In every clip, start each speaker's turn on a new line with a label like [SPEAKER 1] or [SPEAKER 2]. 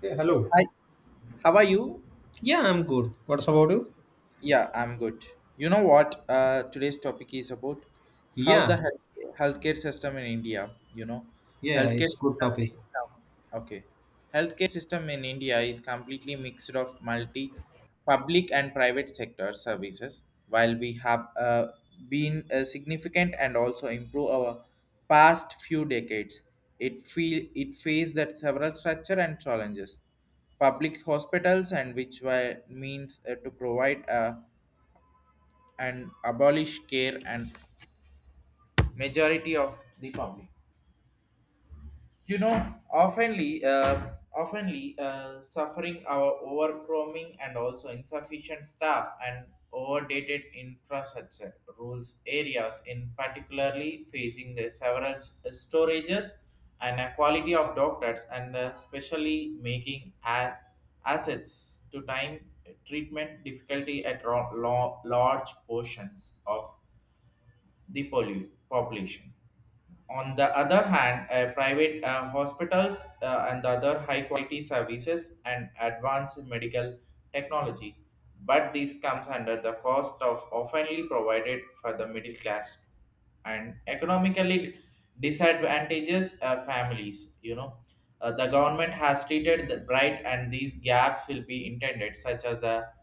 [SPEAKER 1] Hey, hello.
[SPEAKER 2] Hi, how are you?
[SPEAKER 1] Yeah, I'm good. What's about you?
[SPEAKER 2] Yeah, I'm good. You know what? Today's topic is about how
[SPEAKER 1] Yeah,
[SPEAKER 2] the healthcare system in India, you know,
[SPEAKER 1] yeah,
[SPEAKER 2] healthcare
[SPEAKER 1] it's good
[SPEAKER 2] system
[SPEAKER 1] topic.
[SPEAKER 2] is now. Okay. Healthcare system in India is completely mixed of multi public and private sector services. While we have been significant and also improve our past few decades, it faced that several structure and challenges. Public hospitals and which were means to provide and abolish care and majority of the public you know oftenly suffering our overcrowding and also insufficient staff and overdated infrastructure rules areas in particularly facing the several storages and a quality of doctors and especially making assets to time treatment difficulty at large portions of the pollute population. On the other hand, private hospitals and the other high quality services and advanced medical technology, but this comes under the cost of oftenly provided for the middle class and economically disadvantages families. The government has treated the bright, and these gaps will be intended, such as a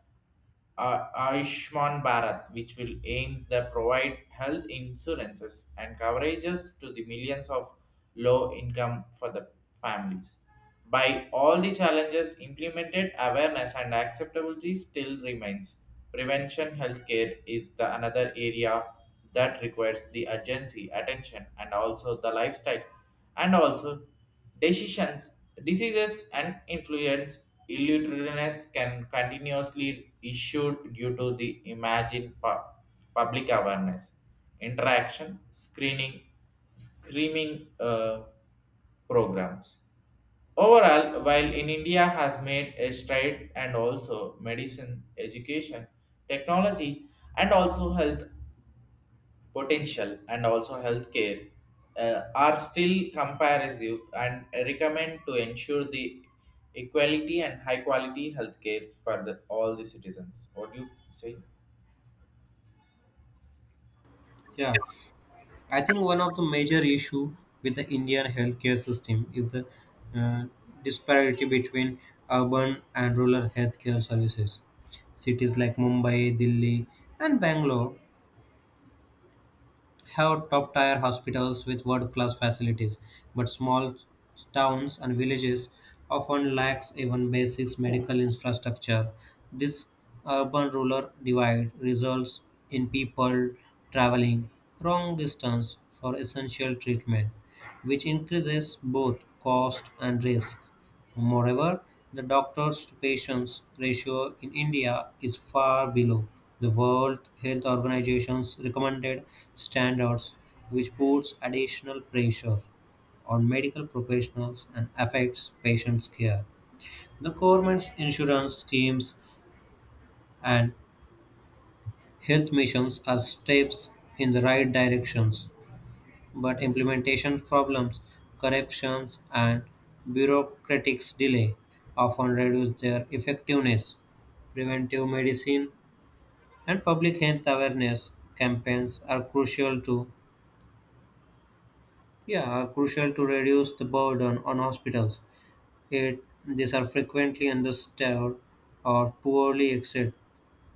[SPEAKER 2] Ayushman Bharat, which will aim to provide health insurances and coverages to the millions of low income for the families. By all the challenges implemented, awareness and acceptability still remains. Prevention healthcare is the another area that requires the urgency, attention, and also the lifestyle, and also decisions, diseases, and influence illiterateness can continuously issued due to the imagine public awareness, interaction, screaming programs. Overall, while in India has made a stride and also medicine, education, technology, and also health potential and also healthcare are still comparative and recommend to ensure the equality and high quality healthcare for the, all the citizens. What do you say?
[SPEAKER 1] Yeah, I think one of the major issue with the Indian healthcare system is the uh, disparity between urban and rural healthcare services. Cities like Mumbai, Delhi, and Bangalore have top tier hospitals with world class facilities, but small towns and villages often lacks even basic medical infrastructure. This urban rural divide results in people traveling wrong distance for essential treatment, which increases both cost and risk. Moreover, the doctors-to-patients ratio in India is far below the World Health Organization's recommended standards, which puts additional pressure on medical professionals and affects patients' care. The government's insurance schemes and health missions are steps in the right directions, but implementation problems, corruptions, and bureaucratic delay often reduce their effectiveness. Preventive medicine and public health awareness campaigns are crucial to reduce the burden on hospitals. These are frequently understaffed or poorly executed.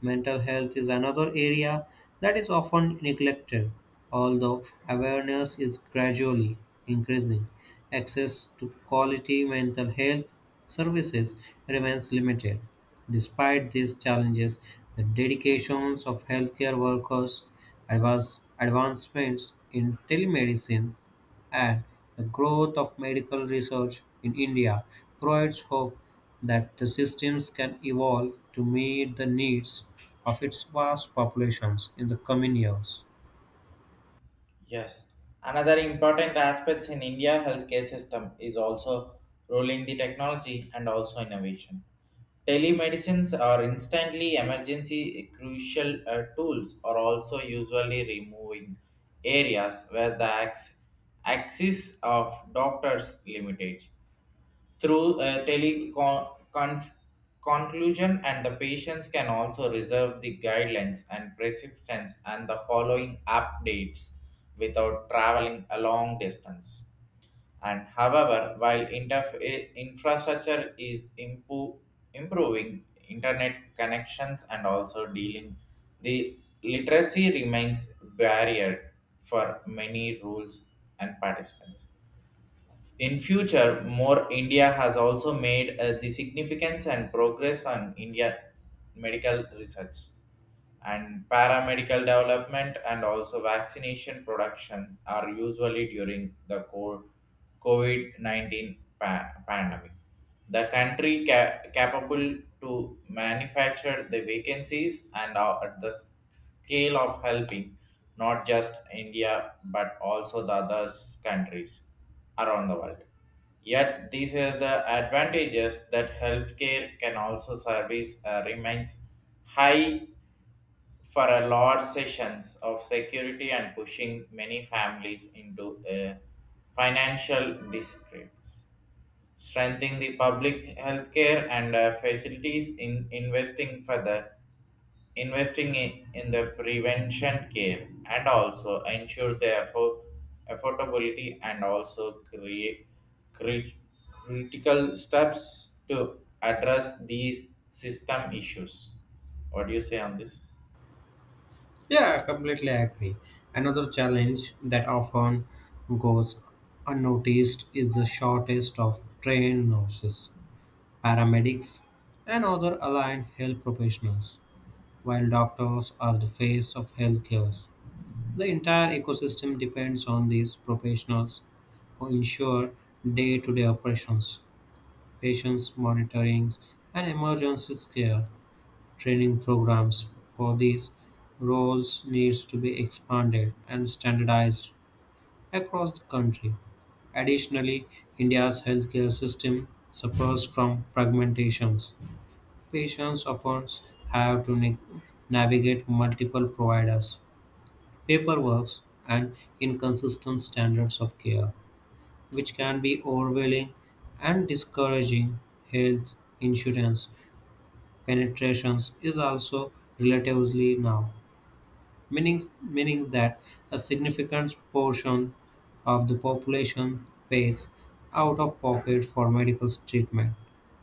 [SPEAKER 1] Mental health is another area that is often neglected, although awareness is gradually increasing. Access to quality mental health services remains limited. Despite these challenges, the dedications of healthcare workers, advancements in telemedicine, and the growth of medical research in India provides hope that the systems can evolve to meet the needs of its vast populations in the coming years.
[SPEAKER 2] Yes, another important aspects in India healthcare system is also rolling the technology and also innovation. Telemedicines are instantly emergency crucial tools are also usually removing areas where the axis of doctors limited through teleconclusion and the patients can also reserve the guidelines and prescriptions and the following updates without traveling a long distance. And however, while infrastructure is improving, internet connections and also dealing, the literacy remains barrier for many rules and participants. In future, more India has also made the significance and progress on India medical research and paramedical development and also vaccination production are usually during the COVID-19 pandemic. The country capable to manufacture the vacancies and at the scale of helping not just India but also the other countries around the world. Yet these are the advantages that healthcare can also service remains high for a large sessions of security and pushing many families into a financial disgrace. Strengthening the public healthcare and facilities in investing further investing in the prevention care and also ensure the affordability and also create crit- critical steps to address these system issues. What do you say on this?
[SPEAKER 1] Yeah, I completely agree. Another challenge that often goes unnoticed is the shortage of trained nurses, paramedics, and other aligned health professionals, while doctors are the face of healthcare. The entire ecosystem depends on these professionals who ensure day to day operations, patients monitoring, and emergency care. Training programs for these roles needs to be expanded and standardized across the country. Additionally, India's healthcare system suffers from fragmentations. Patients often have to navigate multiple providers paperwork, and inconsistent standards of care, which can be overwhelming and discouraging. Health insurance penetrations is also relatively now, meaning, meaning that a significant portion of the population pays out of pocket for medical treatment.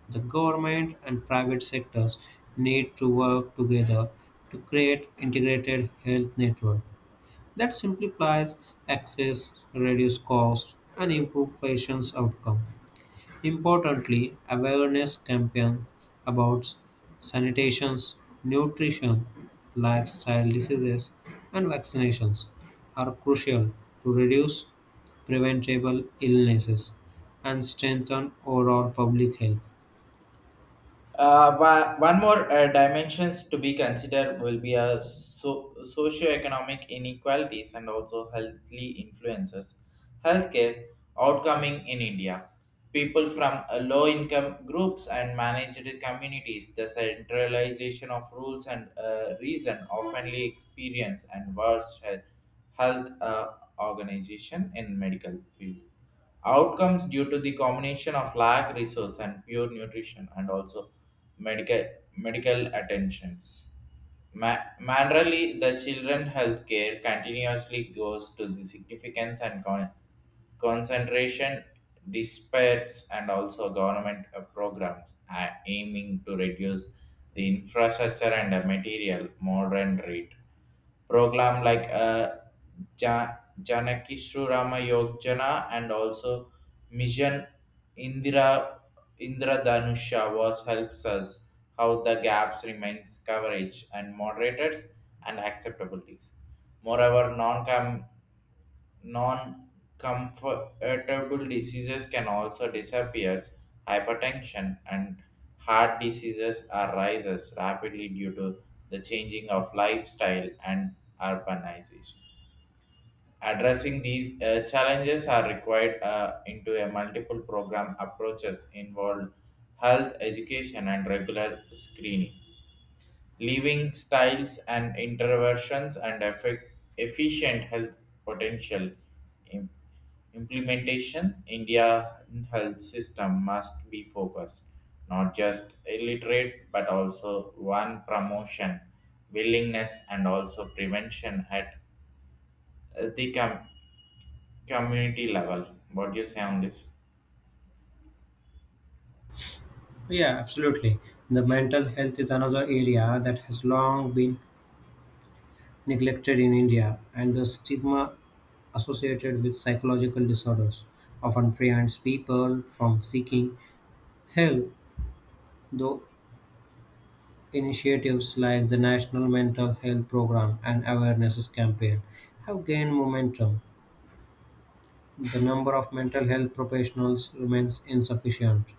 [SPEAKER 1] The government and private sectors need to work together to create integrated health network that simplifies access, reduces cost, and improves patients' outcome. Importantly, awareness campaigns about sanitation, nutrition, lifestyle diseases, and vaccinations are crucial to reduce preventable illnesses and strengthen overall public health.
[SPEAKER 2] One more dimensions to be considered will be socioeconomic inequalities and also healthly influences. Healthcare outcoming in India. People from low income groups and managed communities, the centralization of rules and reason oftenly experience and worse health organization in medical field. Outcomes due to the combination of lack resource and pure nutrition and also medical medical attentions. Manually, the children health care continuously goes to the significance and concentration disputes and also government programs are aiming to reduce the infrastructure and the material modern rate program like ja- Janaki Shri Rama Yojana and also Mission Indira Indra Dhanusha was helps us how the gaps remains coverage and moderators and acceptabilities. Moreover, non-comfortable diseases can also disappear. Hypertension and heart diseases are rises rapidly due to the changing of lifestyle and urbanization. Addressing these challenges are required into a multiple program approaches involved health education and regular screening, living styles and interventions and efficient health potential. Im- Implementation Indian health system must be focused not just illiterate but also one promotion willingness and also prevention at uh, the com- community level. What do you say on this?
[SPEAKER 1] Yeah, absolutely. The mental health is another area that has long been neglected in India, and the stigma associated with psychological disorders, often prevents people from seeking help, though initiatives like the National Mental Health Program and Awareness Campaign have gained momentum. The number of mental health professionals remains insufficient.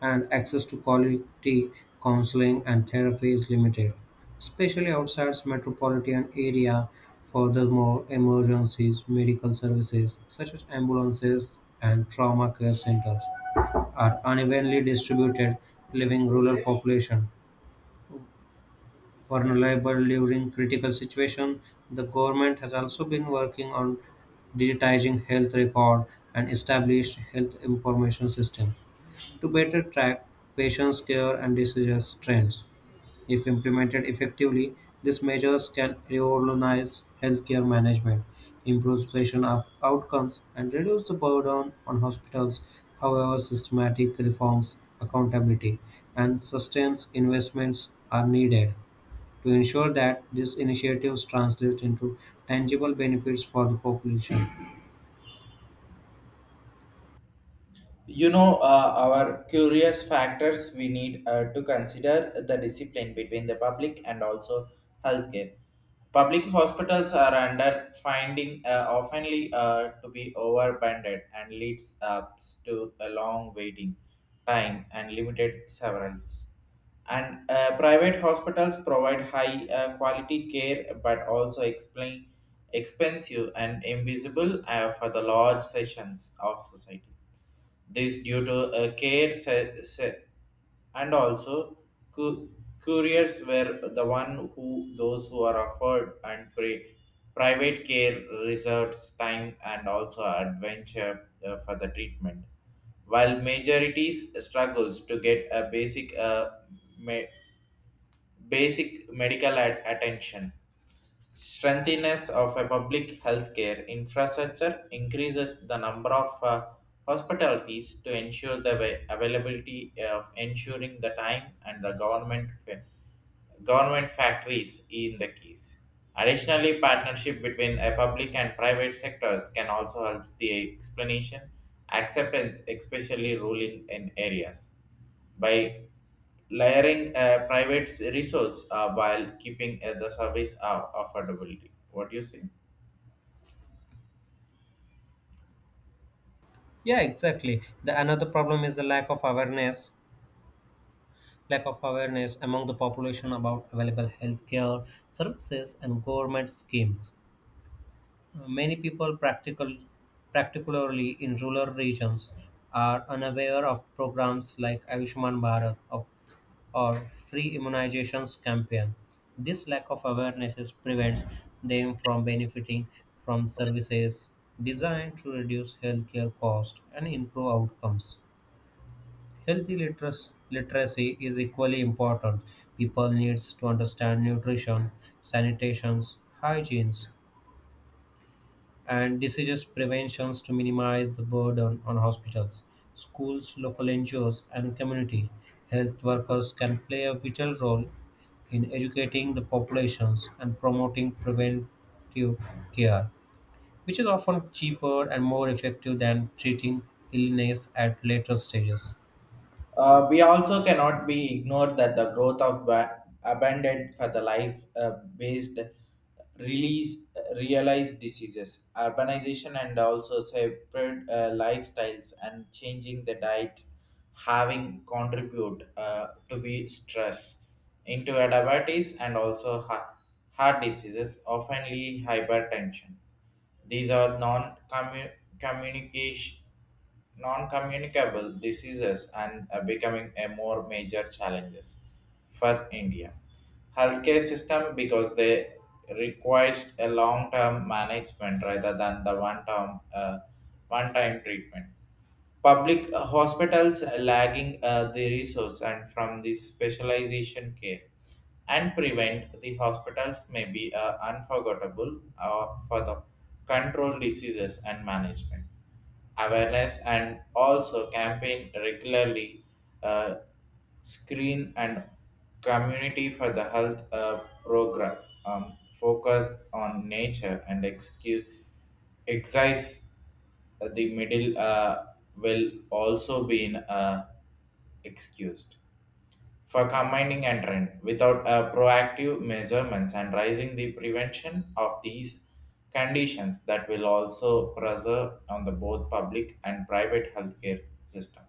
[SPEAKER 1] And access to quality counseling and therapy is limited, especially outside metropolitan area. Furthermore, emergencies, medical services such as ambulances and trauma care centers are unevenly distributed, leaving rural population vulnerable during critical situation. The government has also been working on digitizing health record and established health information system to better track patients' care and disease trends. If implemented effectively, these measures can revolutionize healthcare management, improve patient outcomes, and reduce the burden on hospitals. However, systematic reforms, accountability, and sustained investments are needed to ensure that these initiatives translate into tangible benefits for the population.
[SPEAKER 2] You know our curious factors we need to consider the discipline between the public and also healthcare. Public hospitals are under finding oftenly to be overbundled and leads up to a long waiting time and limited severance, and private hospitals provide high quality care but also explain expensive and invisible for the large sessions of society. This due to a care se- se- and also cu- couriers were the one who those who are offered and private care reserves time and also adventure for the treatment, while majorities struggles to get a basic me- basic medical attention. Strengthiness of a public healthcare infrastructure increases the number of hospitalities to ensure the availability of ensuring the time and the government factories in the keys. Additionally, partnership between a public and private sectors can also help the explanation acceptance, especially rural in areas by layering a private resource while keeping the service affordability. What do you say?
[SPEAKER 1] Yeah, exactly. The another problem is the lack of awareness among the population about available healthcare services and government schemes. Many people, practical, particularly in rural regions, are unaware of programs like Ayushman Bharat or free immunizations campaign. This lack of awareness prevents them from benefiting from services designed to reduce healthcare costs and improve outcomes. Healthy literacy is equally important. People needs to understand nutrition, sanitations, hygienes, and diseases preventions to minimize the burden on hospitals, schools, local NGOs, and community. Health workers can play a vital role in educating the populations and promoting preventive care, which is often cheaper and more effective than treating illness at later stages.
[SPEAKER 2] We also cannot be ignored that the growth of abandoned for the life based release realized diseases urbanization and also separate lifestyles and changing the diet having contribute to be stress into a diabetes and also heart diseases oftenly hypertension. These are communication non-communicable diseases and becoming a more major challenges for India. Healthcare system because they requires a long-term management rather than the one-time treatment. Public hospitals lagging the resource and from the specialization care and prevent the hospitals may be unforgettable for the control diseases and management awareness and also campaign regularly uh, screen and community for the health program, focused on nature and excuse exercise the middle will also be excused for combining and trend without a proactive measurements and rising the prevention of these conditions that will also preserve on the both public and private healthcare system.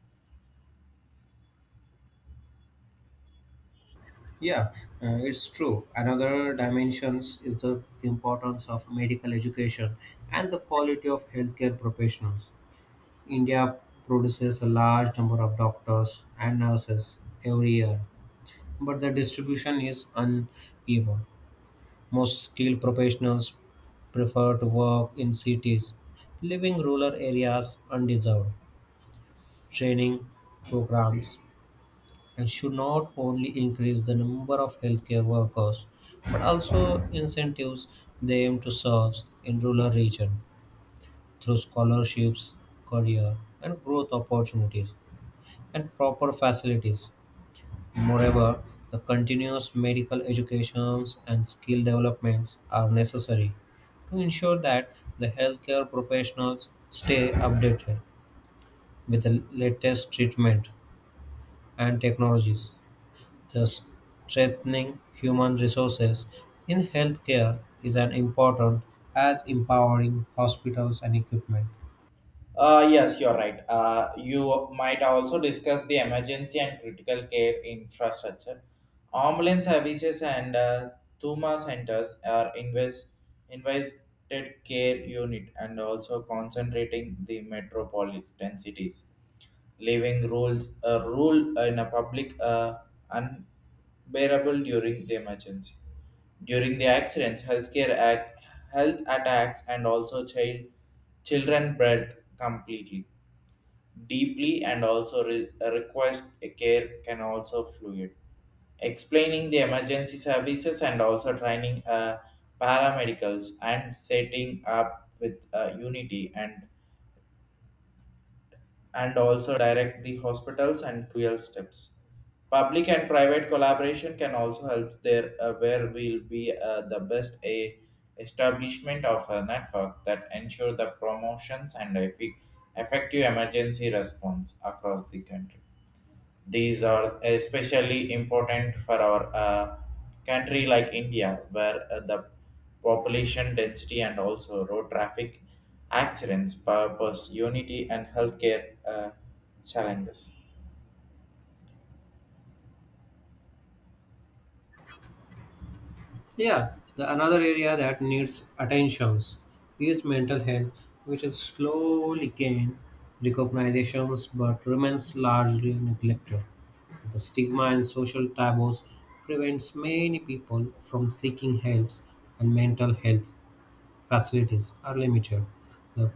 [SPEAKER 1] Yeah, it's true. Another dimensions is the importance of medical education and the quality of healthcare professionals. India produces a large number of doctors and nurses every year, but the distribution is uneven. Most skilled professionals prefer to work in cities, leaving rural areas undeserved. Training programs and should not only increase the number of healthcare workers but also incentives them to serve in rural regions through scholarships, career and growth opportunities and proper facilities. Moreover, the continuous medical educations and skill developments are necessary to ensure that the healthcare professionals stay updated with the latest treatment and technologies. The strengthening human resources in healthcare is as important as empowering hospitals and equipment.
[SPEAKER 2] Yes, you're right. You might also discuss the emergency and critical care infrastructure. Ambulance services and Thuma centers are invested care unit and also concentrating the metropolitan cities leaving rules a rule in a public unbearable during the emergency. During the accidents, health attacks, and also children breath completely, deeply, and also request a care can also fluid explaining the emergency services and also training paramedicals and setting up with unity and also direct the hospitals and cruel steps. Public and private collaboration can also help there where will be the best a establishment of a network that ensure the promotions and effective emergency response across the country. These are especially important for our country like India, where the population density and also road traffic accidents, purpose, unity, and healthcare challenges.
[SPEAKER 1] Yeah, the another area that needs attentions is mental health, which is slowly gained recognitions but remains largely neglected. The stigma and social taboos prevents many people from seeking help and mental health facilities are limited, though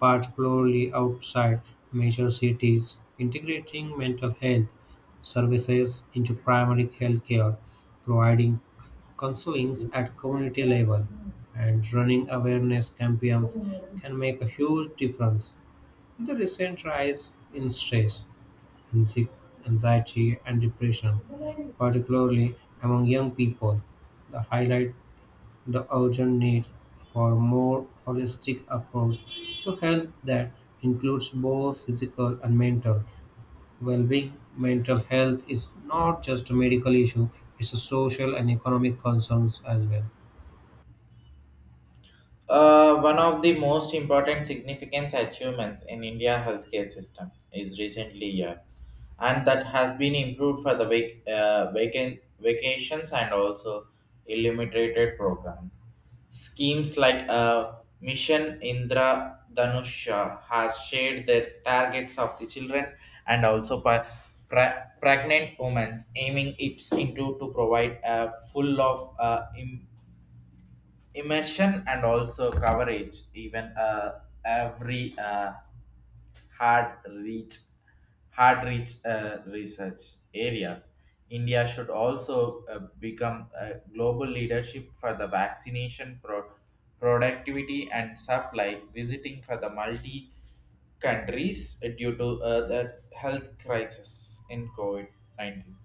[SPEAKER 1] particularly outside major cities. Integrating mental health services into primary health care, providing counselings at community level, and running awareness campaigns can make a huge difference. The recent rise in stress, anxi- anxiety, and depression particularly among young people. The highlight the urgent need for more holistic approach to health that includes both physical and mental well-being. Mental health is not just a medical issue, it's a social and economic concerns as well.
[SPEAKER 2] One of the most important significant achievements in India healthcare system is recently and that has been improved for the vacations and also illuminated program. Schemes like Mission Indra Dhanusha has shared the targets of the children and also pregnant women, aiming its into to provide a full of im- immersion and also coverage even every hard reach hard reach research areas. India should also become a global leadership for the vaccination productivity and supply visiting for the multi countries due to the health crisis in COVID-19.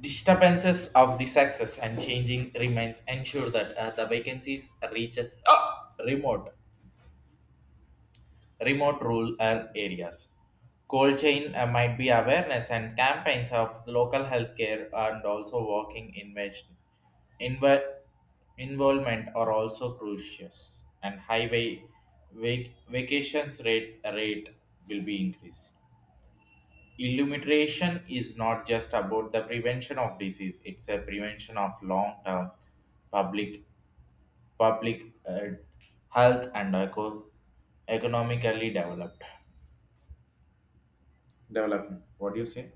[SPEAKER 2] Disturbances of the success and changing remains ensure that the vacancies reaches. Ah! Remote rural areas cold chain might be awareness and campaigns of local healthcare and also working invention. Inve- Involvement are also crucial and highway vacations rate will be increased. Illumination is not just about the prevention of disease, it's a prevention of long-term public public uh, health and economically developed development. What do you say?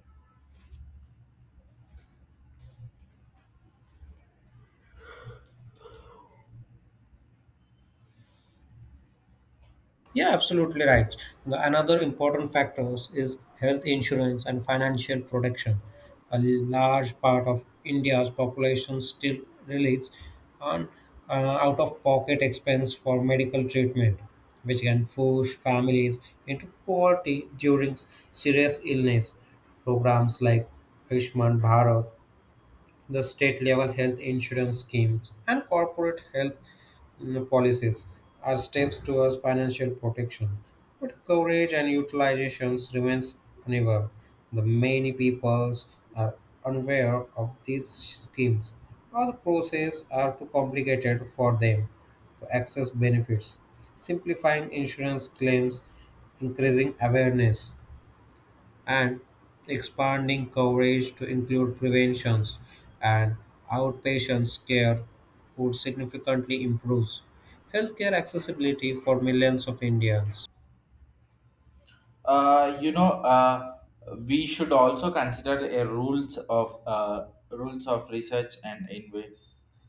[SPEAKER 1] Yeah, absolutely right. Another important factors is health insurance and financial protection. A large part of India's population still relies on out-of-pocket expense for medical treatment, which can push families into poverty during serious illness. Programs like Ayushman Bharat, the state-level health insurance schemes, and corporate health policies are steps towards financial protection, but coverage and utilizations remains uneven. The many peoples are unaware of these schemes, or the process are too complicated for them to access benefits. Simplifying insurance claims, increasing awareness and expanding coverage to include preventions and outpatient care would significantly improve healthcare accessibility for millions of Indians.
[SPEAKER 2] Uh, you know, uh, we should also consider a rules of research and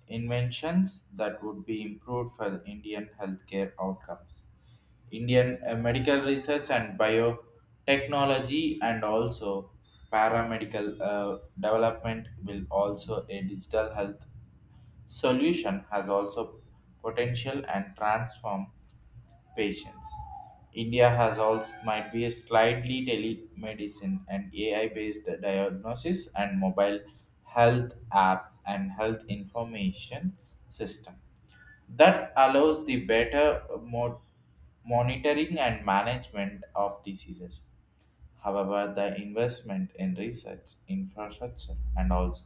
[SPEAKER 2] inventions that would be improved for the Indian healthcare outcomes. Indian medical research and biotechnology and also paramedical development will also a digital health solution has also potential and transform patients. India has also might be a slightly telemedicine and AI-based diagnosis and mobile health apps and health information system that allows the better monitoring and management of diseases. However, the investment in research, infrastructure, and also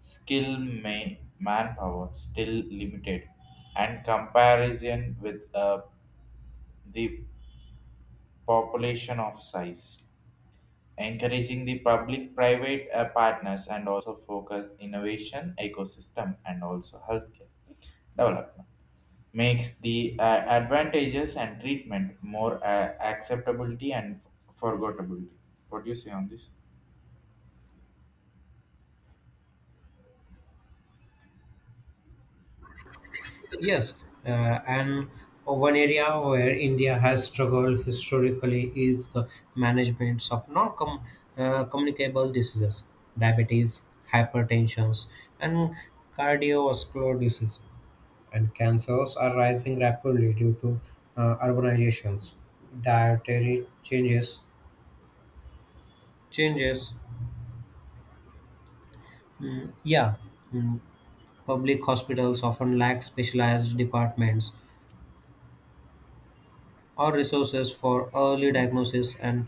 [SPEAKER 2] skill may manpower still limited, and comparison with the population of size. Encouraging the public-private partners and also focus innovation, ecosystem, and also healthcare development makes the advantages and treatment more acceptability and forgettability. What do you say on this?
[SPEAKER 1] Yes, and one area where India has struggled historically is the management of non communicable diseases, diabetes, hypertension, and cardiovascular disease. And cancers are rising rapidly due to urbanizations, dietary changes. Yeah, Mm, public hospitals often lack specialized departments or resources for early diagnosis and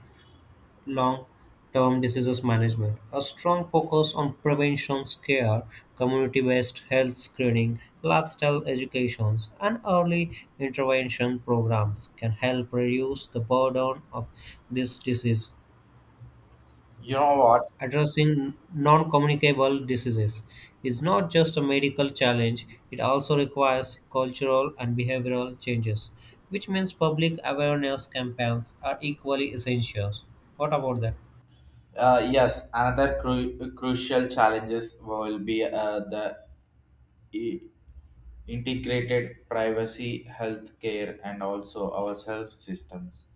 [SPEAKER 1] long-term diseases management. A strong focus on prevention care, community-based health screening, lifestyle educations, and early intervention programs can help reduce the burden of this disease.
[SPEAKER 2] You know what?
[SPEAKER 1] Addressing non-communicable diseases is not just a medical challenge, it also requires cultural and behavioral changes, which means public awareness campaigns are equally essential. What about that?
[SPEAKER 2] Yes, another crucial challenges will be i- integrated privacy, healthcare, and also our self systems.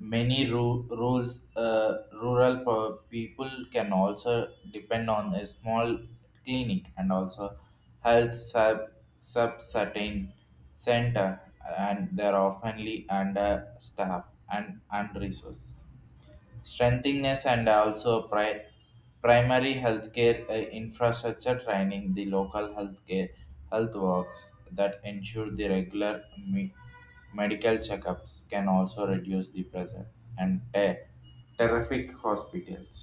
[SPEAKER 2] Many people can also depend on a small clinic and also health subcertain center, and they're oftenly under staff and resource. Strengtheningness and also primary healthcare infrastructure training the local healthcare health works that ensure the regular medical checkups can also reduce the pressure and terrific hospitals.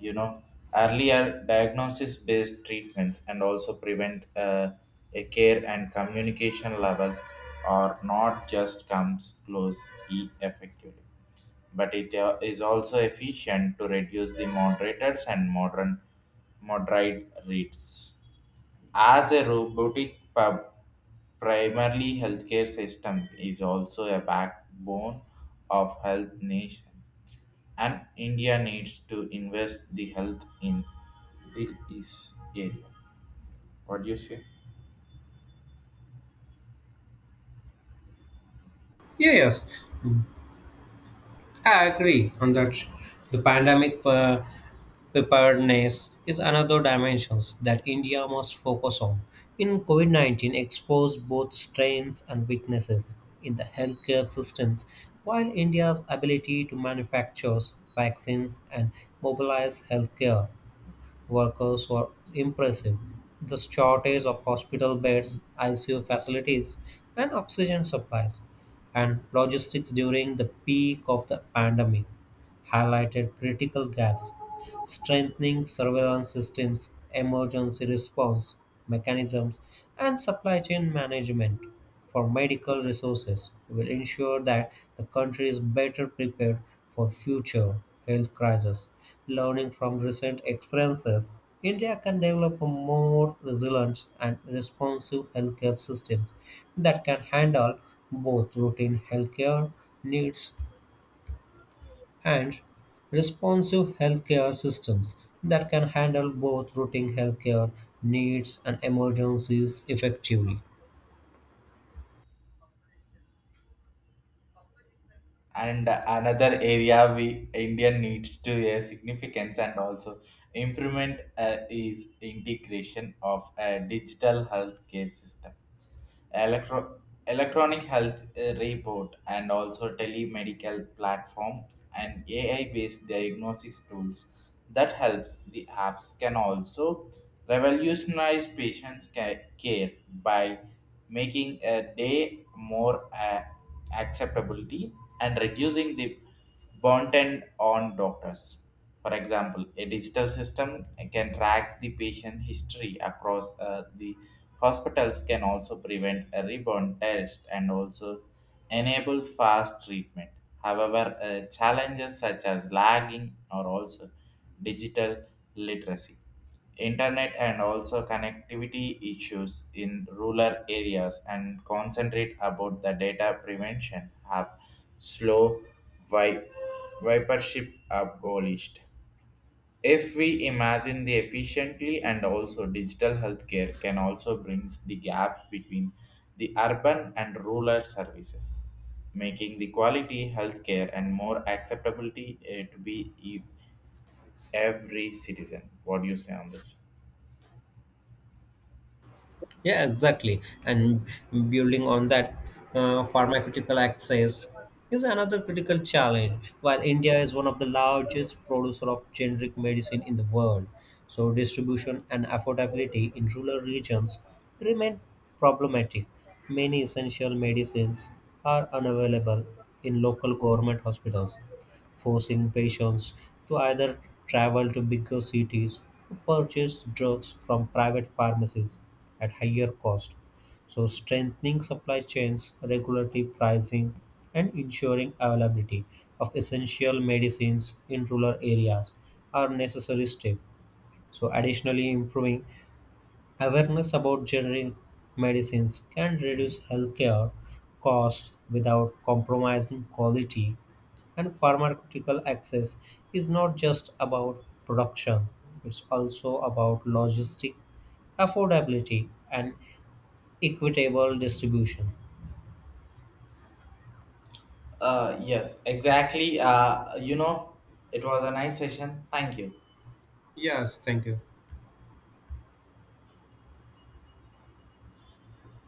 [SPEAKER 2] You know, earlier diagnosis based treatments and also prevent a care and communication level are not just comes close effectively but it is also efficient to reduce the moderators and modern moderate rates. As a robotic pub, primarily healthcare system is also a backbone of health nation, and India needs to invest the health in the is area. What do you say?
[SPEAKER 1] Yeah, yes. I agree on that. The pandemic preparedness is another dimension that India must focus on. In COVID COVID-19, exposed both strengths and weaknesses in the healthcare systems, while India's ability to manufacture vaccines and mobilize healthcare workers were impressive. The shortage of hospital beds, ICU facilities, and oxygen supplies, and logistics during the peak of the pandemic highlighted critical gaps. Strengthening surveillance systems, emergency response mechanisms, and supply chain management for medical resources will ensure that the country is better prepared for future health crises. Learning from recent experiences, India can develop a more resilient and responsive healthcare system that can handle both routine healthcare needs and responsive healthcare systems that can handle both routine healthcare needs and emergencies effectively.
[SPEAKER 2] And another area we Indian needs to a significance and also improvement is integration of a digital healthcare system electro- electronic health report and also telemedical platform and AI-based diagnosis tools that helps the apps can also revolutionize patients' care by making a day more acceptability and reducing the burden on doctors. For example, a digital system can track the patient history across the hospitals can also prevent a rebound test and also enable fast treatment. However, challenges such as lagging or also digital literacy, internet and also connectivity issues in rural areas and concentrate about the data prevention have slow vi- vipership abolished. If we imagine the efficiently and also digital healthcare can also brings the gap between the urban and rural services, making the quality healthcare and more acceptability every citizen. What do you say on this?
[SPEAKER 1] Yeah, exactly. And building on that, pharmaceutical access is another critical challenge. While India is one of the largest producer of generic medicine in the world, so distribution and affordability in rural regions remain problematic. Many essential medicines are unavailable in local government hospitals forcing patients to either travel to bigger cities or purchase drugs from private pharmacies at higher cost. So, strengthening supply chains, regulatory pricing, and ensuring availability of essential medicines in rural areas are necessary steps. So, additionally, improving awareness about generic medicines can reduce healthcare costs without compromising quality and pharmaceutical access is not just about production, it's also about logistic affordability and equitable distribution.
[SPEAKER 2] Yes, exactly. You know, it was a nice session. Thank you.
[SPEAKER 1] Yes, thank you.